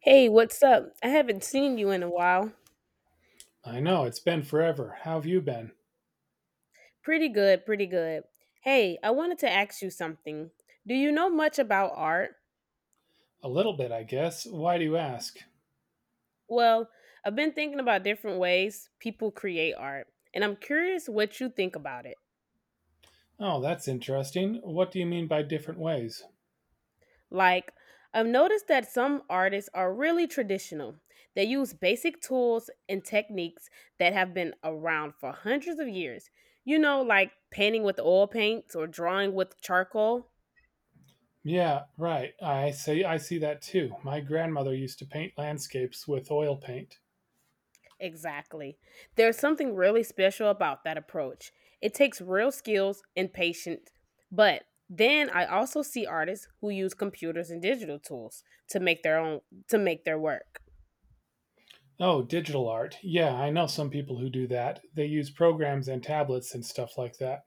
Hey, what's up? I haven't seen you in a while. I know, it's been forever. How have you been? Pretty good, pretty good. Hey, I wanted to ask you something. Do you know much about art? A little bit, I guess. Why do you ask? Well, I've been thinking about different ways people create art, and I'm curious what you think about it. Oh, that's interesting. What do you mean by different ways? Like, I've noticed that some artists are really traditional. They use basic tools and techniques that have been around for hundreds of years. You know, like painting with oil paints or drawing with charcoal. Yeah, right. I see that too. My grandmother used to paint landscapes with oil paint. Exactly. There's something really special about that approach. It takes real skills and patience. But then I also see artists who use computers and digital tools to make their work. Oh, digital art. Yeah, I know some people who do that. They use programs and tablets and stuff like that.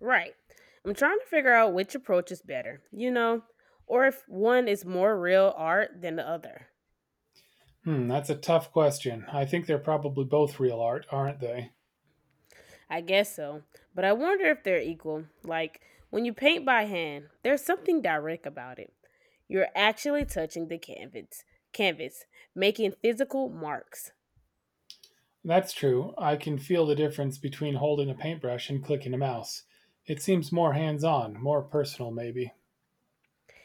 Right. I'm trying to figure out which approach is better, you know, or if one is more real art than the other. Hmm, that's a tough question. I think they're probably both real art, aren't they? I guess so, but I wonder if they're equal. Like, when you paint by hand, there's something direct about it. You're actually touching the canvas, making physical marks. That's true. I can feel the difference between holding a paintbrush and clicking a mouse. It seems more hands on, more personal, maybe.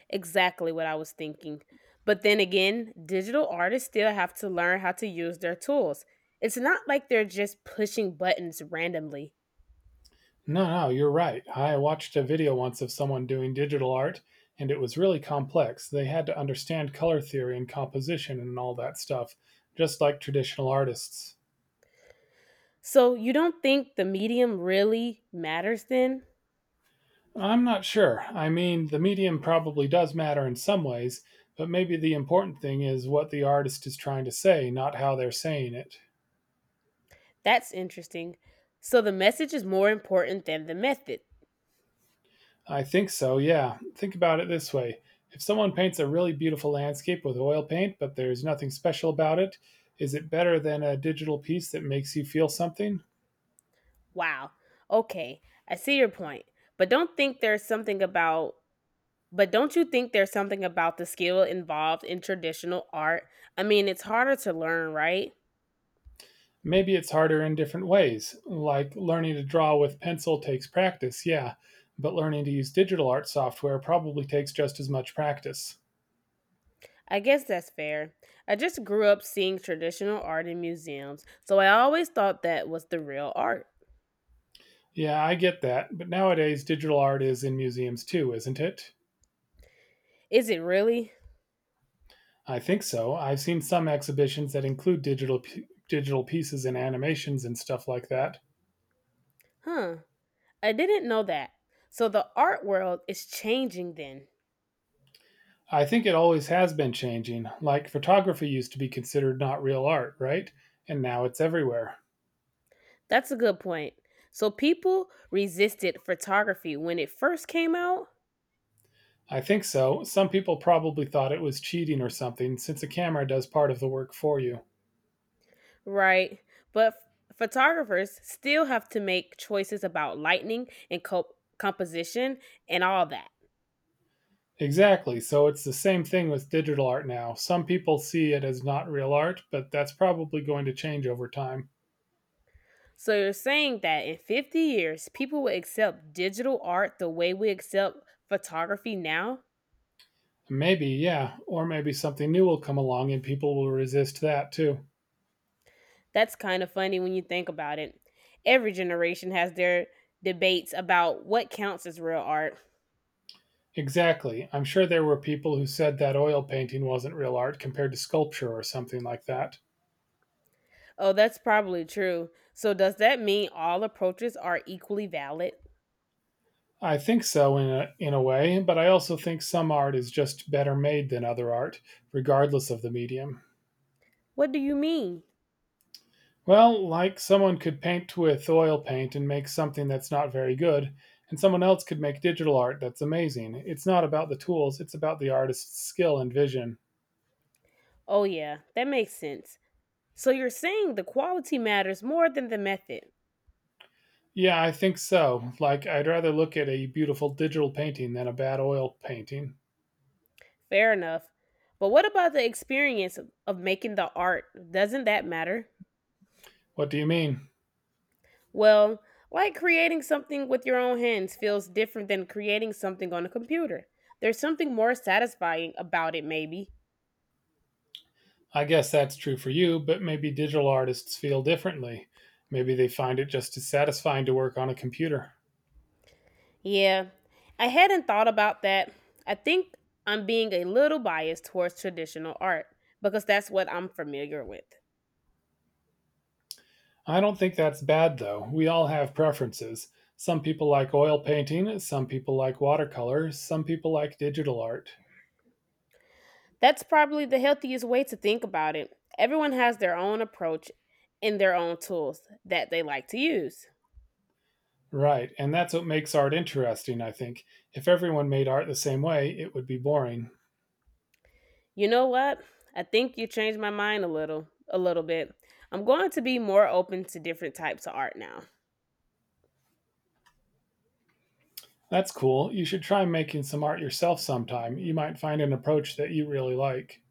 Exactly what I was thinking. But then again, digital artists still have to learn how to use their tools. It's not like they're just pushing buttons randomly. No, no, you're right. I watched a video once of someone doing digital art, and it was really complex. They had to understand color theory and composition and all that stuff, just like traditional artists. So, you don't think the medium really matters then? I'm not sure. I mean, the medium probably does matter in some ways, but maybe the important thing is what the artist is trying to say, not how they're saying it. That's interesting. So, the message is more important than the method. I think so, yeah. Think about it this way, if someone paints a really beautiful landscape with oil paint, but there's nothing special about it, is it better than a digital piece that makes you feel something? Wow. Okay. I see your point. But don't think there's something about but don't you think there's something about the skill involved in traditional art? I mean, it's harder to learn, right? Maybe it's harder in different ways, like learning to draw with pencil takes practice, yeah, but learning to use digital art software probably takes just as much practice. I guess that's fair. I just grew up seeing traditional art in museums, so I always thought that was the real art. Yeah, I get that, but nowadays digital art is in museums too, isn't it? Is it really? I think so. I've seen some exhibitions that include digital pieces and animations and stuff like that. Huh. I didn't know that. So the art world is changing then. I think it always has been changing. Like photography used to be considered not real art, right? And now it's everywhere. That's a good point. So people resisted photography when it first came out? I think so. Some people probably thought it was cheating or something since a camera does part of the work for you. Right. But photographers still have to make choices about lighting and composition and all that. Exactly. So it's the same thing with digital art now. Some people see it as not real art, but that's probably going to change over time. So you're saying that in 50 years, people will accept digital art the way we accept photography now? Maybe, yeah. Or maybe something new will come along and people will resist that too. That's kind of funny when you think about it. Every generation has their debates about what counts as real art. Exactly. I'm sure there were people who said that oil painting wasn't real art compared to sculpture or something like that. Oh, that's probably true. So does that mean all approaches are equally valid? I think so in a way, but I also think some art is just better made than other art, regardless of the medium. What do you mean? Well, like someone could paint with oil paint and make something that's not very good, and someone else could make digital art that's amazing. It's not about the tools, it's about the artist's skill and vision. Oh, yeah, that makes sense. So you're saying the quality matters more than the method. Yeah, I think so. Like, I'd rather look at a beautiful digital painting than a bad oil painting. Fair enough. But what about the experience of making the art? Doesn't that matter? What do you mean? Well, like creating something with your own hands feels different than creating something on a computer. There's something more satisfying about it, maybe. I guess that's true for you, but maybe digital artists feel differently. Maybe they find it just as satisfying to work on a computer. Yeah, I hadn't thought about that. I think I'm being a little biased towards traditional art because that's what I'm familiar with. I don't think that's bad, though. We all have preferences. Some people like oil painting, some people like watercolor, some people like digital art. That's probably the healthiest way to think about it. Everyone has their own approach and their own tools that they like to use. Right. And that's what makes art interesting, I think. If everyone made art the same way, it would be boring. You know what? I think you changed my mind a little bit. I'm going to be more open to different types of art now. That's cool. You should try making some art yourself sometime. You might find an approach that you really like.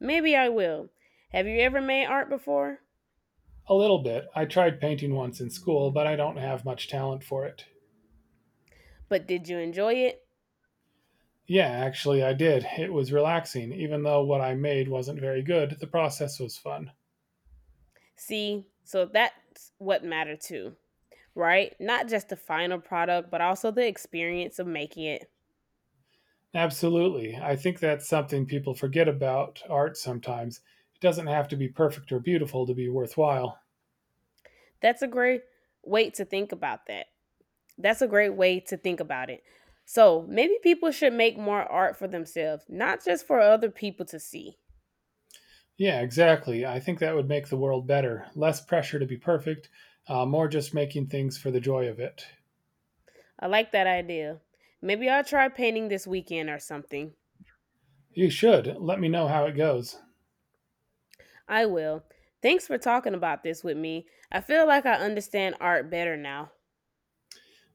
Maybe I will. Have you ever made art before? A little bit. I tried painting once in school, but I don't have much talent for it. But did you enjoy it? Yeah, actually, I did. It was relaxing. Even though what I made wasn't very good, the process was fun. See, so that's what mattered too, right? Not just the final product, but also the experience of making it. Absolutely. I think that's something people forget about art sometimes. It doesn't have to be perfect or beautiful to be worthwhile. That's a great way to think about that. That's a great way to think about it. So maybe people should make more art for themselves, not just for other people to see. Yeah, exactly. I think that would make the world better. Less pressure to be perfect, more just making things for the joy of it. I like that idea. Maybe I'll try painting this weekend or something. You should. Let me know how it goes. I will. Thanks for talking about this with me. I feel like I understand art better now.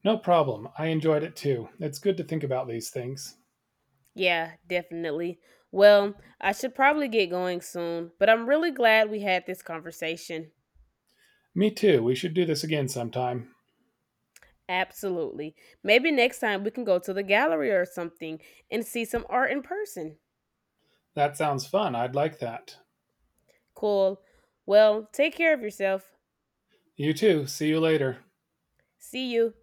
No problem. I enjoyed it too. It's good to think about these things. Yeah, definitely. Well, I should probably get going soon, but I'm really glad we had this conversation. Me too. We should do this again sometime. Absolutely. Maybe next time we can go to the gallery or something and see some art in person. That sounds fun. I'd like that. Cool. Well, take care of yourself. You too. See you later. See you.